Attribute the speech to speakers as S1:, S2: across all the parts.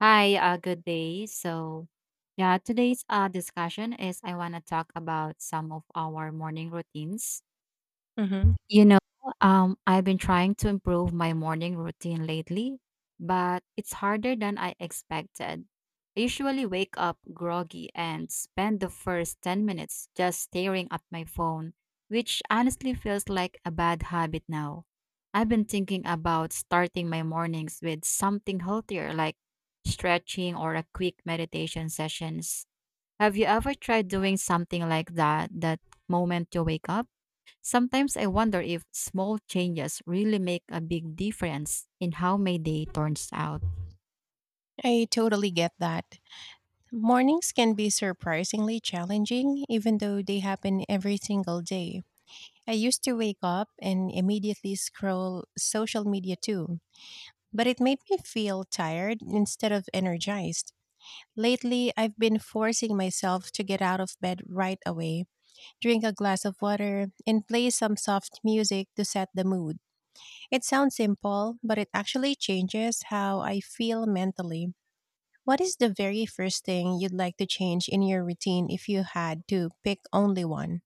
S1: Hi, good day. Today's discussion is I want to talk about some of our morning routines
S2: hmm
S1: you know, I've been trying to improve my morning routine lately, but it's harder than I expected. I usually wake up groggy and spend the first 10 minutes just staring at my phone, which honestly feels like a bad habit now. I've been thinking about starting my mornings with something healthier like stretching or a quick meditation sessions. Have you ever tried doing something like that moment you wake up? Sometimes I wonder if small changes really make a big difference in how my day turns out.
S2: I totally get that. Mornings can be surprisingly challenging, even though they happen every single day. I used to wake up and immediately scroll social media too, but it made me feel tired instead of energized. Lately, I've been forcing myself to get out of bed right away, drink a glass of water, and play some soft music to set the mood. It sounds simple, but it actually changes how I feel mentally. What is the very first thing you'd like to change in your routine if you had to pick only one?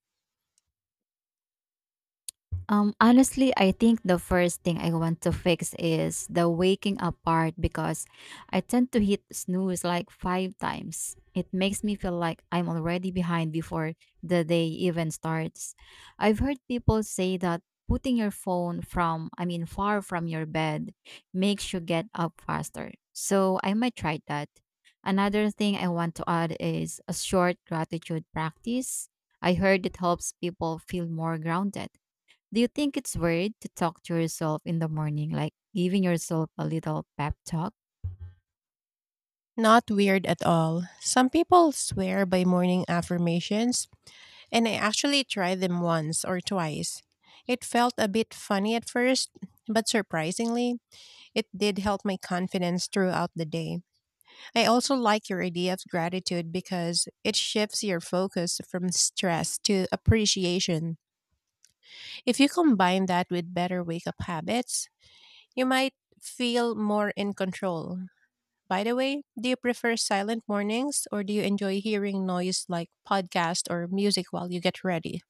S1: Honestly, I think the first thing I want to fix is the waking up part because I tend to hit snooze like five times. It makes me feel like I'm already behind before the day even starts. I've heard people say that putting your phone from, I mean, far from your bed makes you get up faster. So I might try that. Another thing I want to add is a short gratitude practice. I heard it helps people feel more grounded. Do you think it's weird to talk to yourself in the morning, like giving yourself a little pep talk?
S2: Not weird at all. Some people swear by morning affirmations, and I actually tried them once or twice. It felt a bit funny at first, but surprisingly, it did help my confidence throughout the day. I also like your idea of gratitude because it shifts your focus from stress to appreciation. If you combine that with better wake up habits, you might feel more in control. By the way, do you prefer silent mornings or do you enjoy hearing noise like podcast or music while you get ready?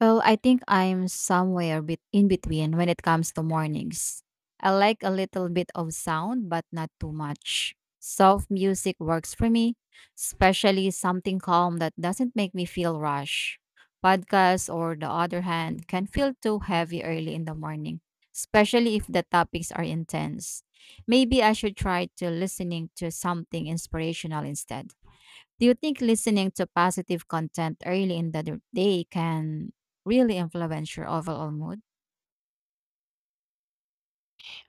S1: Well, I think I'm somewhere bet in between when it comes to mornings. I like a little bit of sound, but not too much. Soft music works for me, especially something calm that doesn't make me feel rush. Podcasts, or the other hand, can feel too heavy early in the morning, especially if the topics are intense. Maybe I should try to listening to something inspirational instead. Do you think listening to positive content early in the day can really influence your overall mood?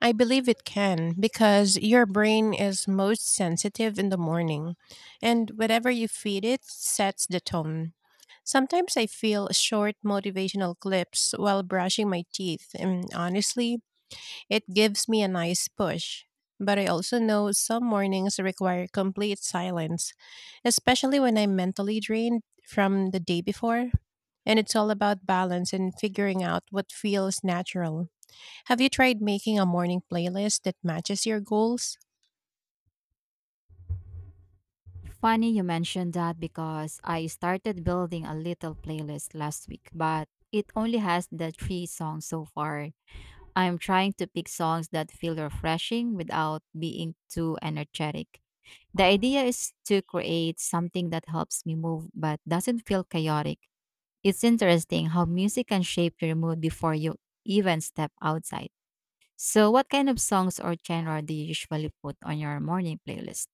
S2: I believe it can because your brain is most sensitive in the morning and whatever you feed it sets the tone. Sometimes I feel short motivational clips while brushing my teeth and honestly it gives me a nice push. But I also know some mornings require complete silence, especially when I'm mentally drained from the day before. And it's all about balance and figuring out what feels natural. Have you tried making a morning playlist that matches your goals?
S1: Funny you mentioned that because I started building a little playlist last week, but it only has the three songs so far. I'm trying to pick songs that feel refreshing without being too energetic. The idea is to create something that helps me move but doesn't feel chaotic. It's interesting how music can shape your mood before you even step outside. So, what kind of songs or genre do you usually put on your morning playlist?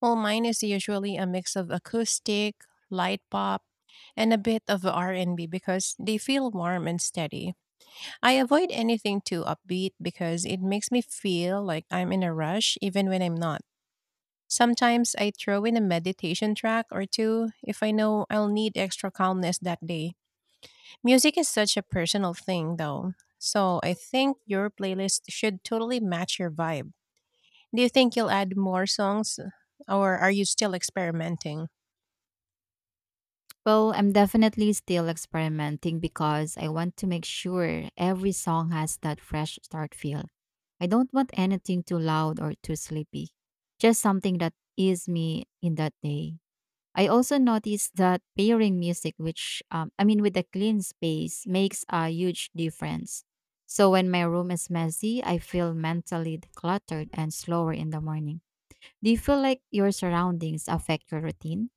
S2: Well, mine is usually a mix of acoustic, light pop, and a bit of R&B because they feel warm and steady. I avoid anything too upbeat because it makes me feel like I'm in a rush even when I'm not. Sometimes I throw in a meditation track or two if I know I'll need extra calmness that day. Music is such a personal thing though. So I think your playlist should totally match your vibe. Do you think you'll add more songs or are you still experimenting?
S1: Well, I'm definitely still experimenting because I want to make sure every song has that fresh start feel. I don't want anything too loud or too sleepy, just something that is me in that day. I also noticed that pairing music, with a clean space, makes a huge difference. So when my room is messy, I feel mentally decluttered and slower in the morning. Do you feel like your surroundings affect your routine?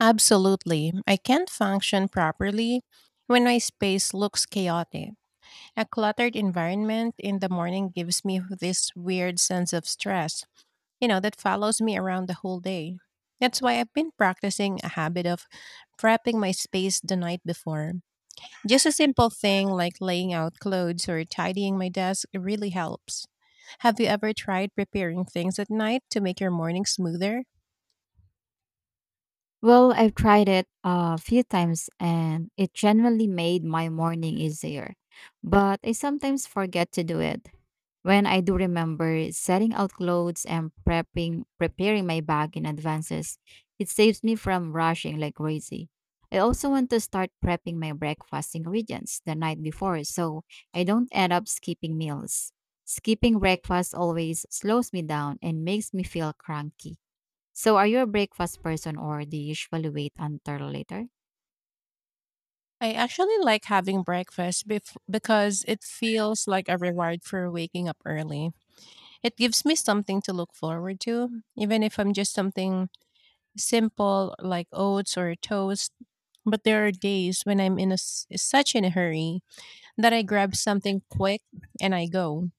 S2: Absolutely. I can't function properly when my space looks chaotic. A cluttered environment in the morning gives me this weird sense of stress, you know, that follows me around the whole day. That's why I've been practicing a habit of prepping my space the night before. Just a simple thing like laying out clothes or tidying my desk really helps. Have you ever tried preparing things at night to make your morning smoother?
S1: Well, I've tried it a few times and it generally made my morning easier. But I sometimes forget to do it. When I do remember setting out clothes and prepping preparing my bag in advances, it saves me from rushing like crazy. I also want to start prepping my breakfast ingredients the night before so I don't end up skipping meals. Skipping breakfast always slows me down and makes me feel cranky. So are you a breakfast person or do you usually wait until later?
S2: I actually like having breakfast because it feels like a reward for waking up early. It gives me something to look forward to, even if I'm just something simple like oats or toast. But there are days when I'm in a s such in a hurry that I grab something quick and I go.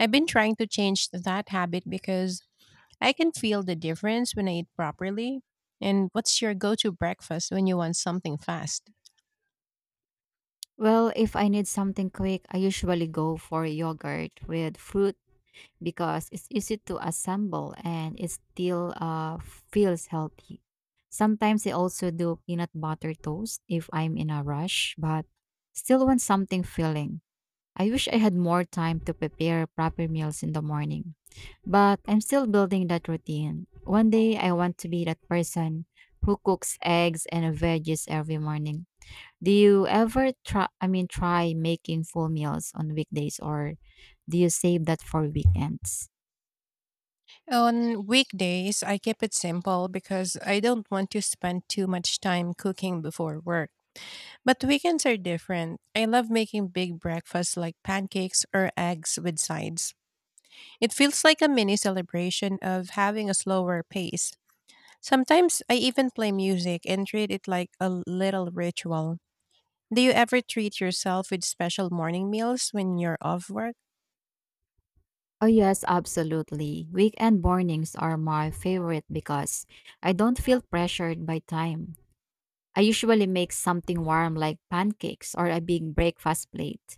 S2: I've been trying to change that habit because I can feel the difference when I eat properly. And what's your go-to breakfast when you want something fast?
S1: Well, if I need something quick, I usually go for yogurt with fruit because it's easy to assemble and it still feels healthy. Sometimes I also do peanut butter toast if I'm in a rush, but still want something filling. I wish I had more time to prepare proper meals in the morning, but I'm still building that routine. One day I want to be that person who cooks eggs and veggies every morning. Do you ever try I mean try making full meals on weekdays or do you save that for weekends?
S2: On weekdays, I keep it simple because I don't want to spend too much time cooking before work. But weekends are different. I love making big breakfasts like pancakes or eggs with sides. It feels like a mini celebration of having a slower pace. Sometimes I even play music and treat it like a little ritual. Do you ever treat yourself with special morning meals when you're off work?
S1: Oh, yes, absolutely. Weekend mornings are my favorite because I don't feel pressured by time. I usually make something warm like pancakes or a big breakfast plate.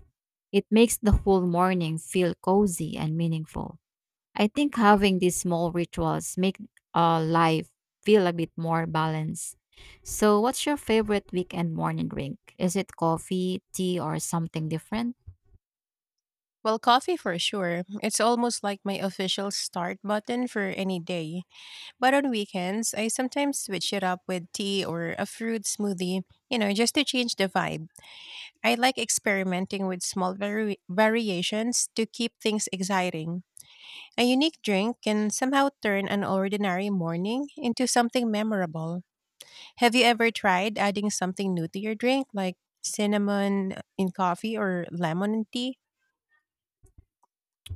S1: It makes the whole morning feel cozy and meaningful. I think having these small rituals make life feel a bit more balanced. So, what's your favorite weekend morning drink? Is it coffee, tea, or something different?
S2: Well, coffee for sure. It's almost like my official start button for any day. But on weekends, I sometimes switch it up with tea or a fruit smoothie, you know, just to change the vibe. I like experimenting with small variations to keep things exciting. A unique drink can somehow turn an ordinary morning into something memorable. Have you ever tried adding something new to your drink, like cinnamon in coffee or lemon in tea?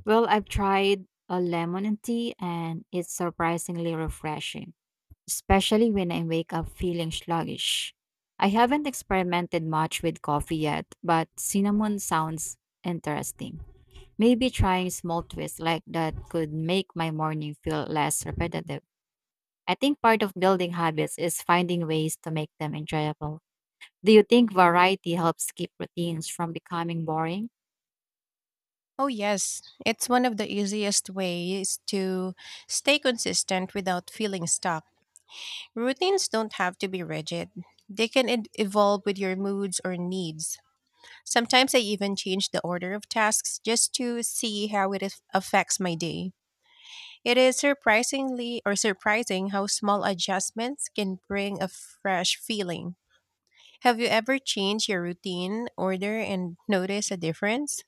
S1: Well, I've tried a lemon and tea and it's surprisingly refreshing, especially when I wake up feeling sluggish. I haven't experimented much with coffee yet, but cinnamon sounds interesting. Maybe trying small twists like that could make my morning feel less repetitive. I think part of building habits is finding ways to make them enjoyable. Do you think variety helps keep routines from becoming boring?
S2: Oh, yes. It's one of the easiest ways to stay consistent without feeling stuck. Routines don't have to be rigid, they can evolve with your moods or needs. Sometimes I even change the order of tasks just to see how it affects my day. It is surprisingly or surprising how small adjustments can bring a fresh feeling. Have you ever changed your routine order and noticed a difference?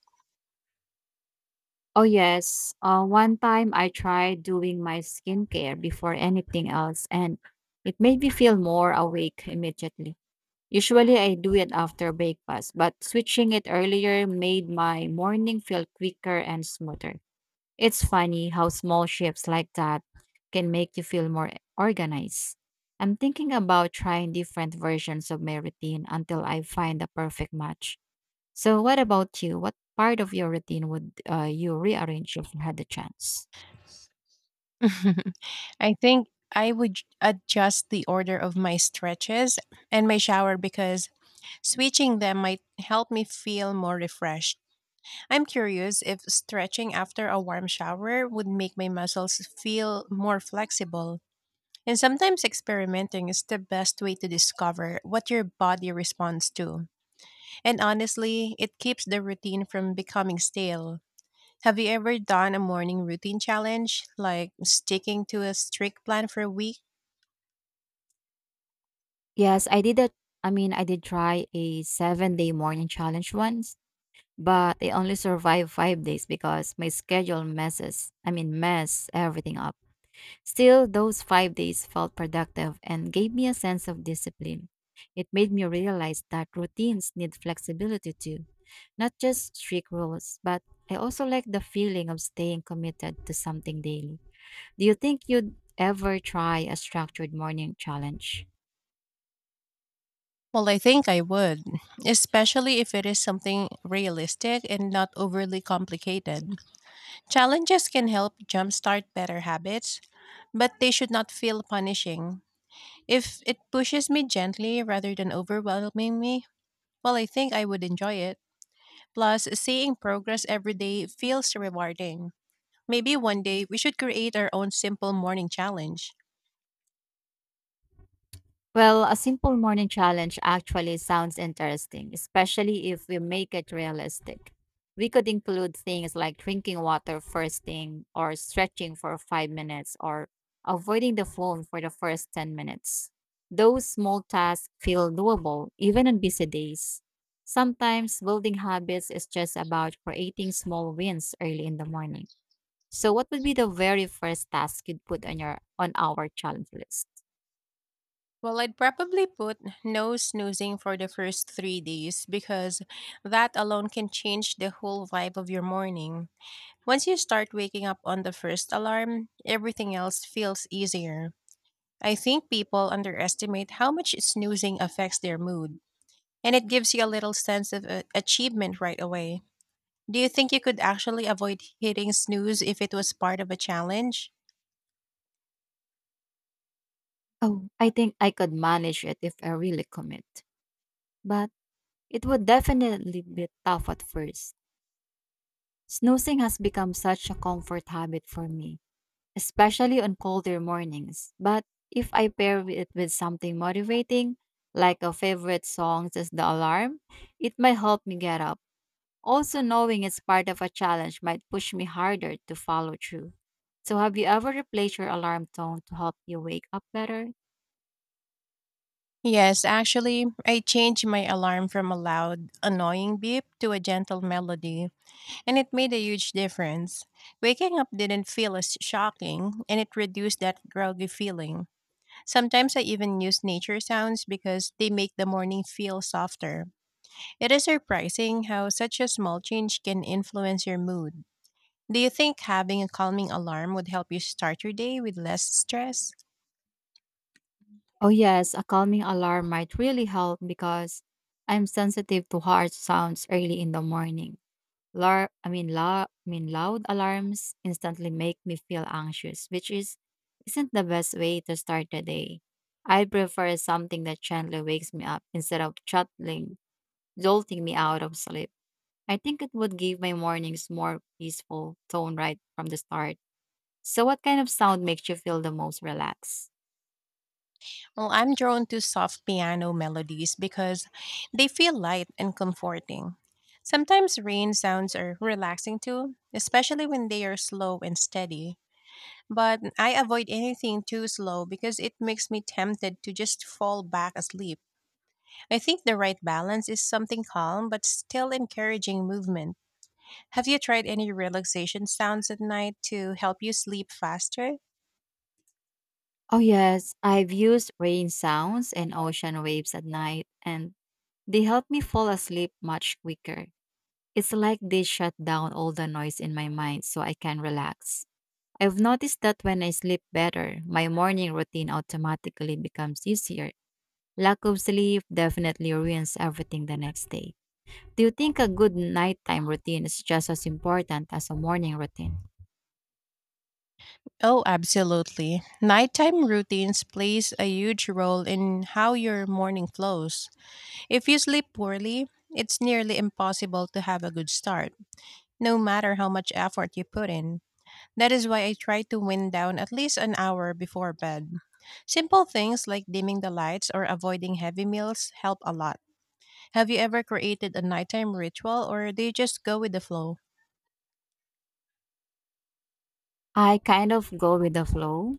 S1: Oh, yes. One time I tried doing my skincare before anything else, and it made me feel more awake immediately. Usually I do it after breakfast, but switching it earlier made my morning feel quicker and smoother. It's funny how small shifts like that can make you feel more organized. I'm thinking about trying different versions of my routine until I find the perfect match. So, what about you? What part of your routine would you rearrange if you had the chance?
S2: I think I would adjust the order of my stretches and my shower because switching them might help me feel more refreshed. I'm curious if stretching after a warm shower would make my muscles feel more flexible. And sometimes experimenting is the best way to discover what your body responds to. And honestly, it keeps the routine from becoming stale. Have you ever done a morning routine challenge, like sticking to a strict plan for a week?
S1: Yes, I did try a 7 day morning challenge once, but I only survived 5 days because my schedule mess everything up. Still, those 5 days felt productive and gave me a sense of discipline. It made me realize that routines need flexibility too, not just strict rules, but I also like the feeling of staying committed to something daily. Do you think you'd ever try a structured morning challenge?
S2: Well, I think I would, especially if it is something realistic and not overly complicated. Challenges can help jumpstart better habits, but they should not feel punishing. If it pushes me gently rather than overwhelming me, well, I think I would enjoy it. Plus, seeing progress every day feels rewarding. Maybe one day we should create our own simple morning challenge.
S1: Well, a simple morning challenge actually sounds interesting, especially if we make it realistic. We could include things like drinking water first thing, or stretching for 5 minutes, or avoiding the phone for the first 10 minutes. Those small tasks feel doable even on busy days. Sometimes building habits is just about creating small wins early in the morning. So what would be the very first task you'd put on your on our challenge list?
S2: Well, I'd probably put no snoozing for the first 3 days because that alone can change the whole vibe of your morning. Once you start waking up on the first alarm, everything else feels easier. I think people underestimate how much snoozing affects their mood, and it gives you a little sense of achievement right away. Do you think you could actually avoid hitting snooze if it was part of a challenge?
S1: Oh, I think I could manage it if I really commit. But it would definitely be tough at first. Snoozing has become such a comfort habit for me, especially on colder mornings. But if I pair it with something motivating, like a favorite song as the alarm, it might help me get up. Also, knowing it's part of a challenge might push me harder to follow through. So, have you ever replaced your alarm tone to help you wake up better?
S2: Yes, actually, I changed my alarm from a loud, annoying beep to a gentle melody, and it made a huge difference. Waking up didn't feel as shocking, and it reduced that groggy feeling. Sometimes I even use nature sounds because they make the morning feel softer. It is surprising how such a small change can influence your mood. Do you think having a calming alarm would help you start your day with less stress?
S1: Oh, yes, a calming alarm might really help because I'm sensitive to harsh sounds early in the morning. Loud alarms instantly make me feel anxious, which is isn't the best way to start the day. I prefer something that gently wakes me up instead of chuttling, jolting me out of sleep. I think it would give my mornings more peaceful tone right from the start. So, what kind of sound makes you feel the most relaxed?
S2: Well, I'm drawn to soft piano melodies because they feel light and comforting. Sometimes rain sounds are relaxing too, especially when they are slow and steady. But I avoid anything too slow because it makes me tempted to just fall back asleep. I think the right balance is something calm but still encouraging movement. Have you tried any relaxation sounds at night to help you sleep faster?
S1: Oh, yes, I've used rain sounds and ocean waves at night, and they help me fall asleep much quicker. It's like they shut down all the noise in my mind so I can relax. I've noticed that when I sleep better, my morning routine automatically becomes easier. Lack of sleep definitely ruins everything the next day. Do you think a good nighttime routine is just as important as a morning routine?
S2: Oh, absolutely. Nighttime routines plays a huge role in how your morning flows. If you sleep poorly, it's nearly impossible to have a good start, no matter how much effort you put in. That is why I try to wind down at least an hour before bed. Simple things like dimming the lights or avoiding heavy meals help a lot. Have you ever created a nighttime ritual or do you just go with the flow?
S1: I kind of go with the flow,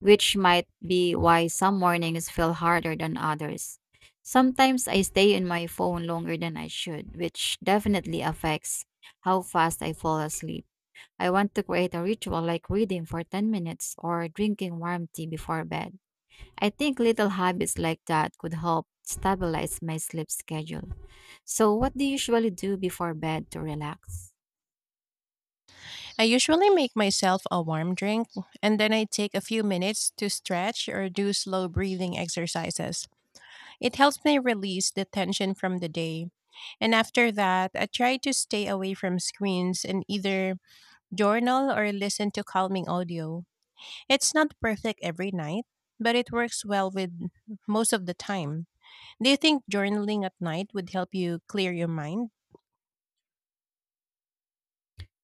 S1: which might be why some mornings feel harder than others. Sometimes I stay in my phone longer than I should, which definitely affects how fast I fall asleep. I want to create a ritual like reading for 10 minutes or drinking warm tea before bed. I think little habits like that could help stabilize my sleep schedule. So, what do you usually do before bed to relax?
S2: I usually make myself a warm drink and then I take a few minutes to stretch or do slow breathing exercises. It helps me release the tension from the day. And after that, I try to stay away from screens and either journal or listen to calming audio. It's not perfect every night, but it works well with most of the time. Do you think journaling at night would help you clear your mind?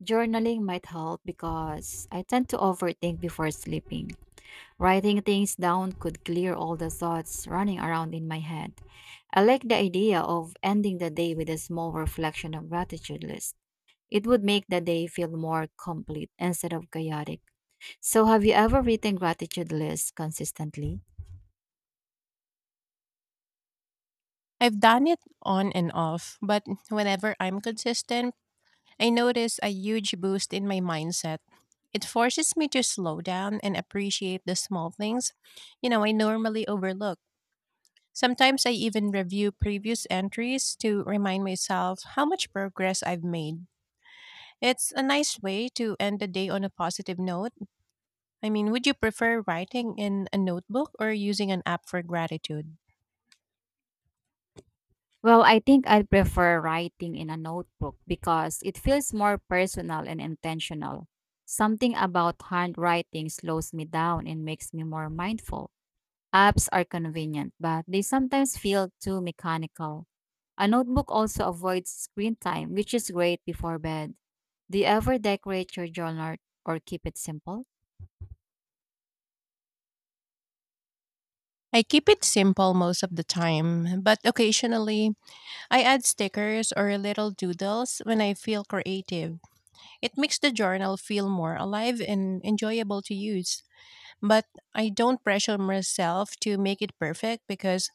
S1: Journaling might help because I tend to overthink before sleeping. Writing things down could clear all the thoughts running around in my head. I like the idea of ending the day with a small reflection of gratitude list. It would make the day feel more complete instead of chaotic. So, have you ever written gratitude lists consistently?
S2: I've done it on and off, but whenever I'm consistent, I notice a huge boost in my mindset. It forces me to slow down and appreciate the small things, you know, I normally overlook. Sometimes I even review previous entries to remind myself how much progress I've made. It's a nice way to end the day on a positive note. I mean, would you prefer writing in a notebook or using an app for gratitude?
S1: Well, I think I'd prefer writing in a notebook because it feels more personal and intentional. Something about handwriting slows me down and makes me more mindful. Apps are convenient, but they sometimes feel too mechanical. A notebook also avoids screen time, which is great before bed. Do you ever decorate your journal or keep it simple?
S2: I keep it simple most of the time, but occasionally I add stickers or little doodles when I feel creative. It makes the journal feel more alive and enjoyable to use. But I don't pressure myself to make it perfect because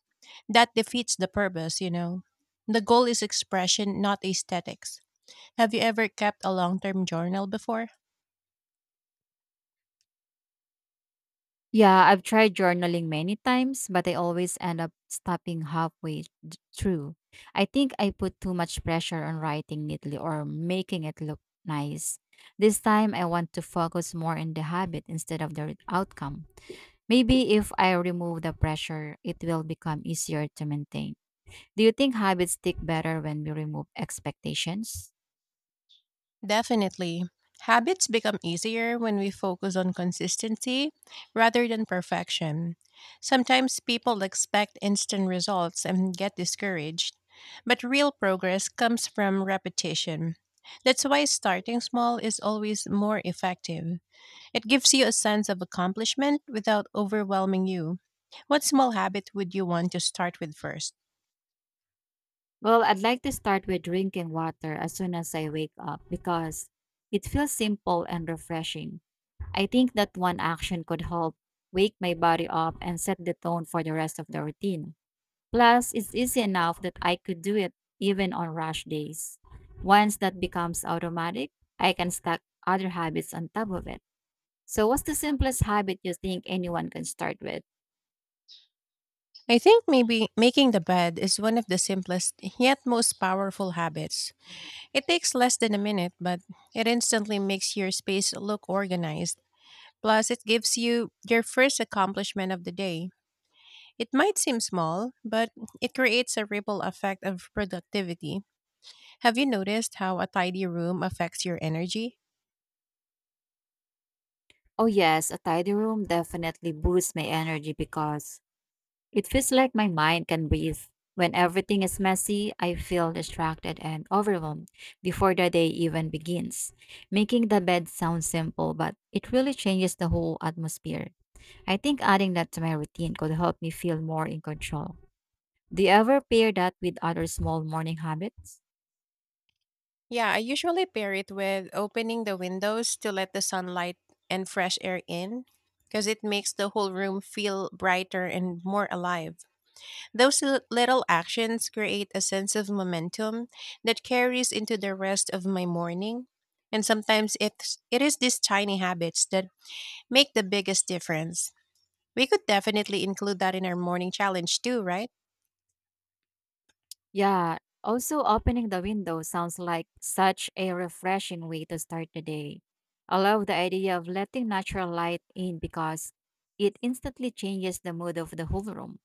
S2: that defeats the purpose, you know. The goal is expression, not aesthetics. Have you ever kept a long term journal before?
S1: Yeah, I've tried journaling many times, but I always end up stopping halfway through. I think I put too much pressure on writing neatly or making it look nice. This time, I want to focus more on the habit instead of the outcome. Maybe if I remove the pressure, it will become easier to maintain. Do you think habits stick better when we remove expectations?
S2: Definitely. Habits become easier when we focus on consistency rather than perfection. Sometimes people expect instant results and get discouraged, but real progress comes from repetition. That's why starting small is always more effective. It gives you a sense of accomplishment without overwhelming you. What small habit would you want to start with first?
S1: Well, I'd like to start with drinking water as soon as I wake up because it feels simple and refreshing. I think that one action could help wake my body up and set the tone for the rest of the routine. Plus, it's easy enough that I could do it even on rush days. Once that becomes automatic, I can stack other habits on top of it. So, what's the simplest habit you think anyone can start with?
S2: I think maybe making the bed is one of the simplest yet most powerful habits. It takes less than a minute, but it instantly makes your space look organized. Plus, it gives you your first accomplishment of the day. It might seem small, but it creates a ripple effect of productivity. Have you noticed how a tidy room affects your energy?
S1: Oh, yes, a tidy room definitely boosts my energy because it feels like my mind can breathe. When everything is messy, I feel distracted and overwhelmed before the day even begins. Making the bed sounds simple, but it really changes the whole atmosphere. I think adding that to my routine could help me feel more in control. Do you ever pair that with other small morning habits?
S2: Yeah, I usually pair it with opening the windows to let the sunlight and fresh air in because it makes the whole room feel brighter and more alive. Those little actions create a sense of momentum that carries into the rest of my morning. And sometimes it is these tiny habits that make the biggest difference. We could definitely include that in our morning challenge too, right?
S1: Yeah, also opening the window sounds like such a refreshing way to start the day. I love the idea of letting natural light in because it instantly changes the mood of the whole room.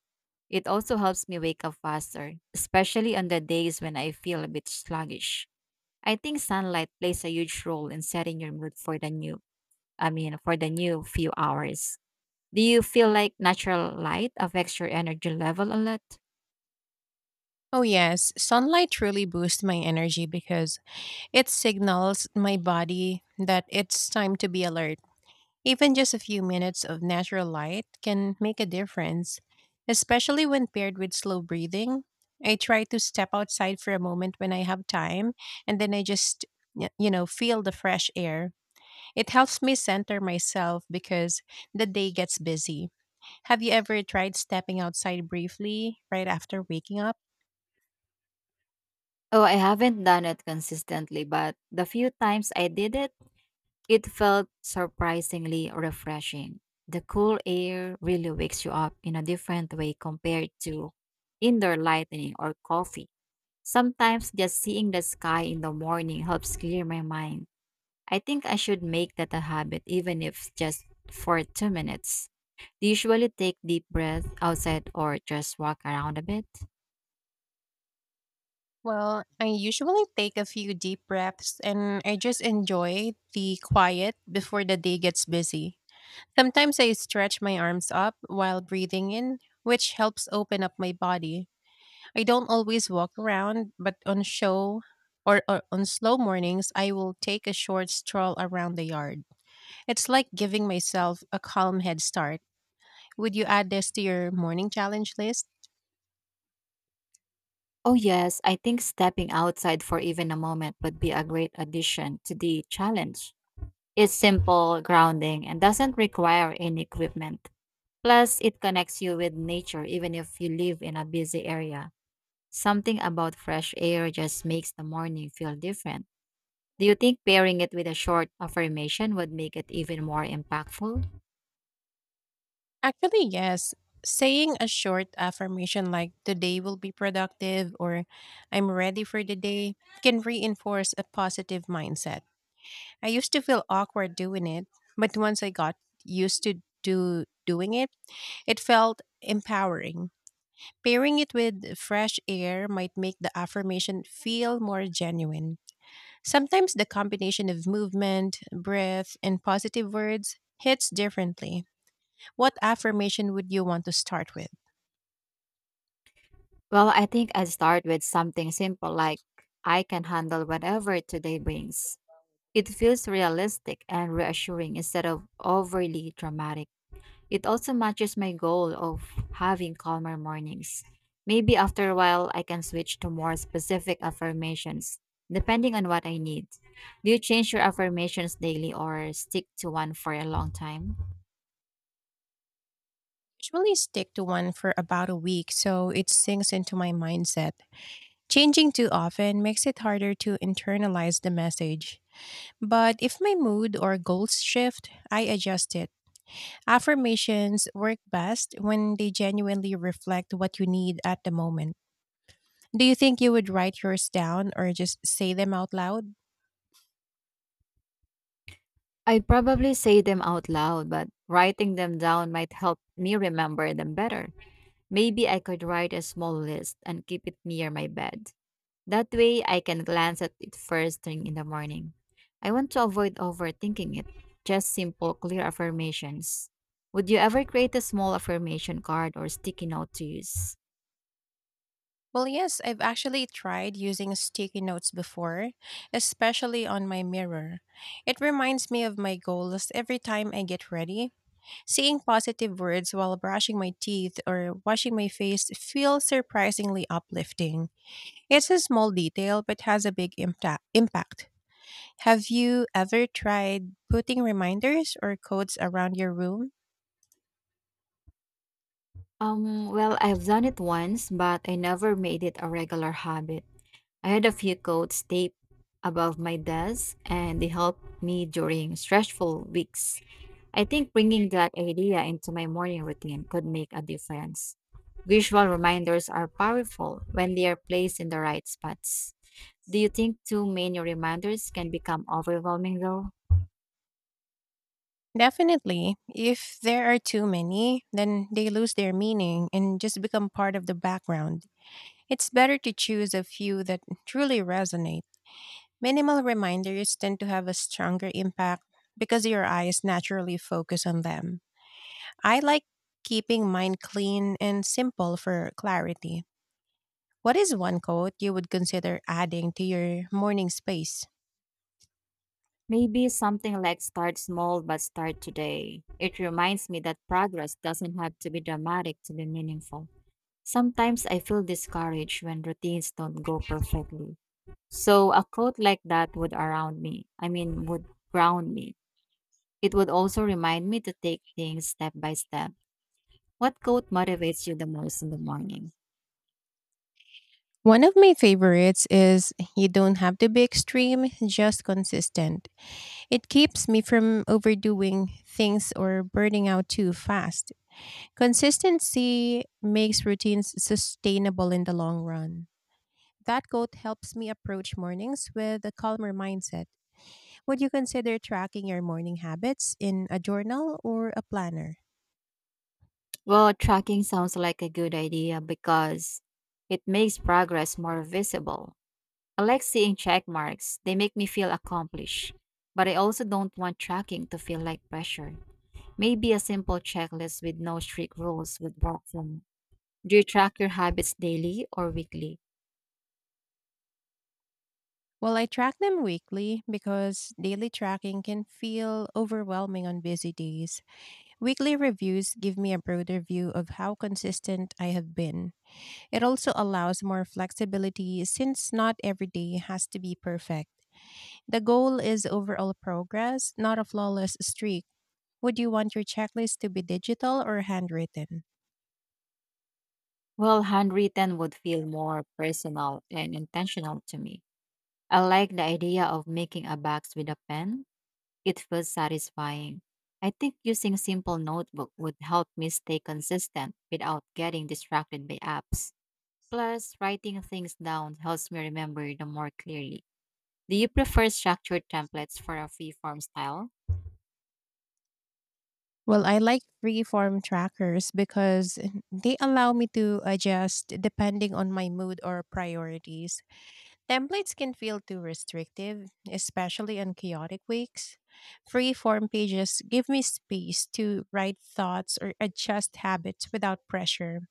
S1: It also helps me wake up faster, especially on the days when I feel a bit sluggish. I think sunlight plays a huge role in setting your mood for the new, I mean, for the new few hours. Do you feel like natural light affects your energy level a lot?
S2: Oh, yes. Sunlight truly boosts my energy because it signals my body that it's time to be alert. Even just a few minutes of natural light can make a difference, especially when paired with slow breathing. I try to step outside for a moment when I have time, and then I just, feel the fresh air. It helps me center myself because the day gets busy. Have you ever tried stepping outside briefly right after waking up?
S1: Oh, I haven't done it consistently, but the few times I did it, it felt surprisingly refreshing. The cool air really wakes you up in a different way compared to indoor lighting or coffee. Sometimes just seeing the sky in the morning helps clear my mind. I think I should make that a habit, even if just for 2 minutes. Do you usually take deep breath outside or just walk around a bit?
S2: Well, I usually take a few deep breaths and I just enjoy the quiet before the day gets busy. Sometimes I stretch my arms up while breathing in, which helps open up my body. I don't always walk around, but on show or on slow mornings, I will take a short stroll around the yard. It's like giving myself a calm head start. Would you add this to your morning challenge list?
S1: Oh, yes, I think stepping outside for even a moment would be a great addition to the challenge. It's simple, grounding, and doesn't require any equipment. Plus, it connects you with nature even if you live in a busy area. Something about fresh air just makes the morning feel different. Do you think pairing it with a short affirmation would make it even more impactful?
S2: Actually, yes. Saying a short affirmation like today will be productive or I'm ready for the day can reinforce a positive mindset. I used to feel awkward doing it, but once I got used to do doing it, it felt empowering. Pairing it with fresh air might make the affirmation feel more genuine. Sometimes the combination of movement, breath, and positive words hits differently. What affirmation would you want to start with?
S1: Well, I think I'd start with something simple like, I can handle whatever today brings. It feels realistic and reassuring instead of overly dramatic. It also matches my goal of having calmer mornings. Maybe after a while, I can switch to more specific affirmations, depending on what I need. Do you change your affirmations daily or stick to one for a long time?
S2: Usually stick to one for about a week so it sinks into my mindset. Changing too often makes it harder to internalize the message. But if my mood or goals shift, I adjust it. Affirmations work best when they genuinely reflect what you need at the moment. Do you think you would write yours down or just say them out loud?
S1: I'd probably say them out loud, but writing them down might help me remember them better. Maybe I could write a small list and keep it near my bed. That way I can glance at it first thing in the morning. I want to avoid overthinking it. Just simple, clear affirmations. Would you ever create a small affirmation card or sticky note to use?
S2: Well, yes, I've actually tried using sticky notes before, especially on my mirror. It reminds me of my goals every time I get ready. Seeing positive words while brushing my teeth or washing my face feels surprisingly uplifting. It's a small detail but has a impact. Have you ever tried putting reminders or codes around your room?
S1: Well, I've done it once, but I never made it a regular habit. I had a few quotes taped above my desk and they helped me during stressful weeks. I think bringing that idea into my morning routine could make a difference. Visual reminders are powerful when they are placed in the right spots. Do you think too many reminders can become overwhelming though?
S2: Definitely. If there are too many, then they lose their meaning and just become part of the background. It's better to choose a few that truly resonate. Minimal reminders tend to have a stronger impact because your eyes naturally focus on them. I like keeping mine clean and simple for clarity. What is one quote you would consider adding to your morning space?
S1: Maybe something like start small but start today. It reminds me that progress doesn't have to be dramatic to be meaningful. Sometimes I feel discouraged when routines don't go perfectly. So a quote like that would around me. I mean would ground me. It would also remind me to take things step by step. What quote motivates you the most in the morning?
S2: One of my favorites is you don't have to be extreme, just consistent. It keeps me from overdoing things or burning out too fast. Consistency makes routines sustainable in the long run. That quote helps me approach mornings with a calmer mindset. Would you consider tracking your morning habits in a journal or a planner?
S1: Well, tracking sounds like a good idea because it makes progress more visible. I like seeing check marks, they make me feel accomplished. But I also don't want tracking to feel like pressure. Maybe a simple checklist with no strict rules would work for me. Do you track your habits daily or weekly?
S2: Well, I track them weekly because daily tracking can feel overwhelming on busy days. Weekly reviews give me a broader view of how consistent I have been. It also allows more flexibility since not every day has to be perfect. The goal is overall progress, not a flawless streak. Would you want your checklist to be digital or handwritten?
S1: Well, handwritten would feel more personal and intentional to me. I like the idea of making a box with a pen. It feels satisfying. I think using a simple notebook would help me stay consistent without getting distracted by apps. Plus, writing things down helps me remember them more clearly. Do you prefer structured templates for a free form style?
S2: Well, I like freeform trackers because they allow me to adjust depending on my mood or priorities. Templates can feel too restrictive, especially on chaotic weeks. Free-form pages give me space to write thoughts or adjust habits without pressure.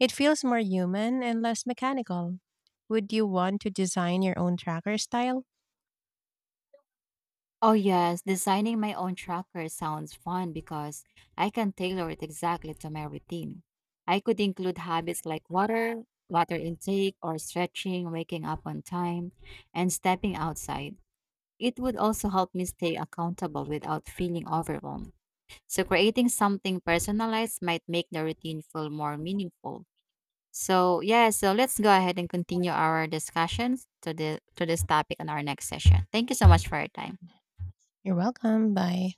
S2: It feels more human and less mechanical. Would you want to design your own tracker style?
S1: Oh, yes, designing my own tracker sounds fun because I can tailor it exactly to my routine. I could include habits like water intake, or stretching, waking up on time, and stepping outside. It would also help me stay accountable without feeling overwhelmed. So, creating something personalized might make the routine feel more meaningful. So, yeah, so let's go ahead and continue our discussions to this topic in our next session. Thank you so much for your time.
S2: You're welcome. Bye.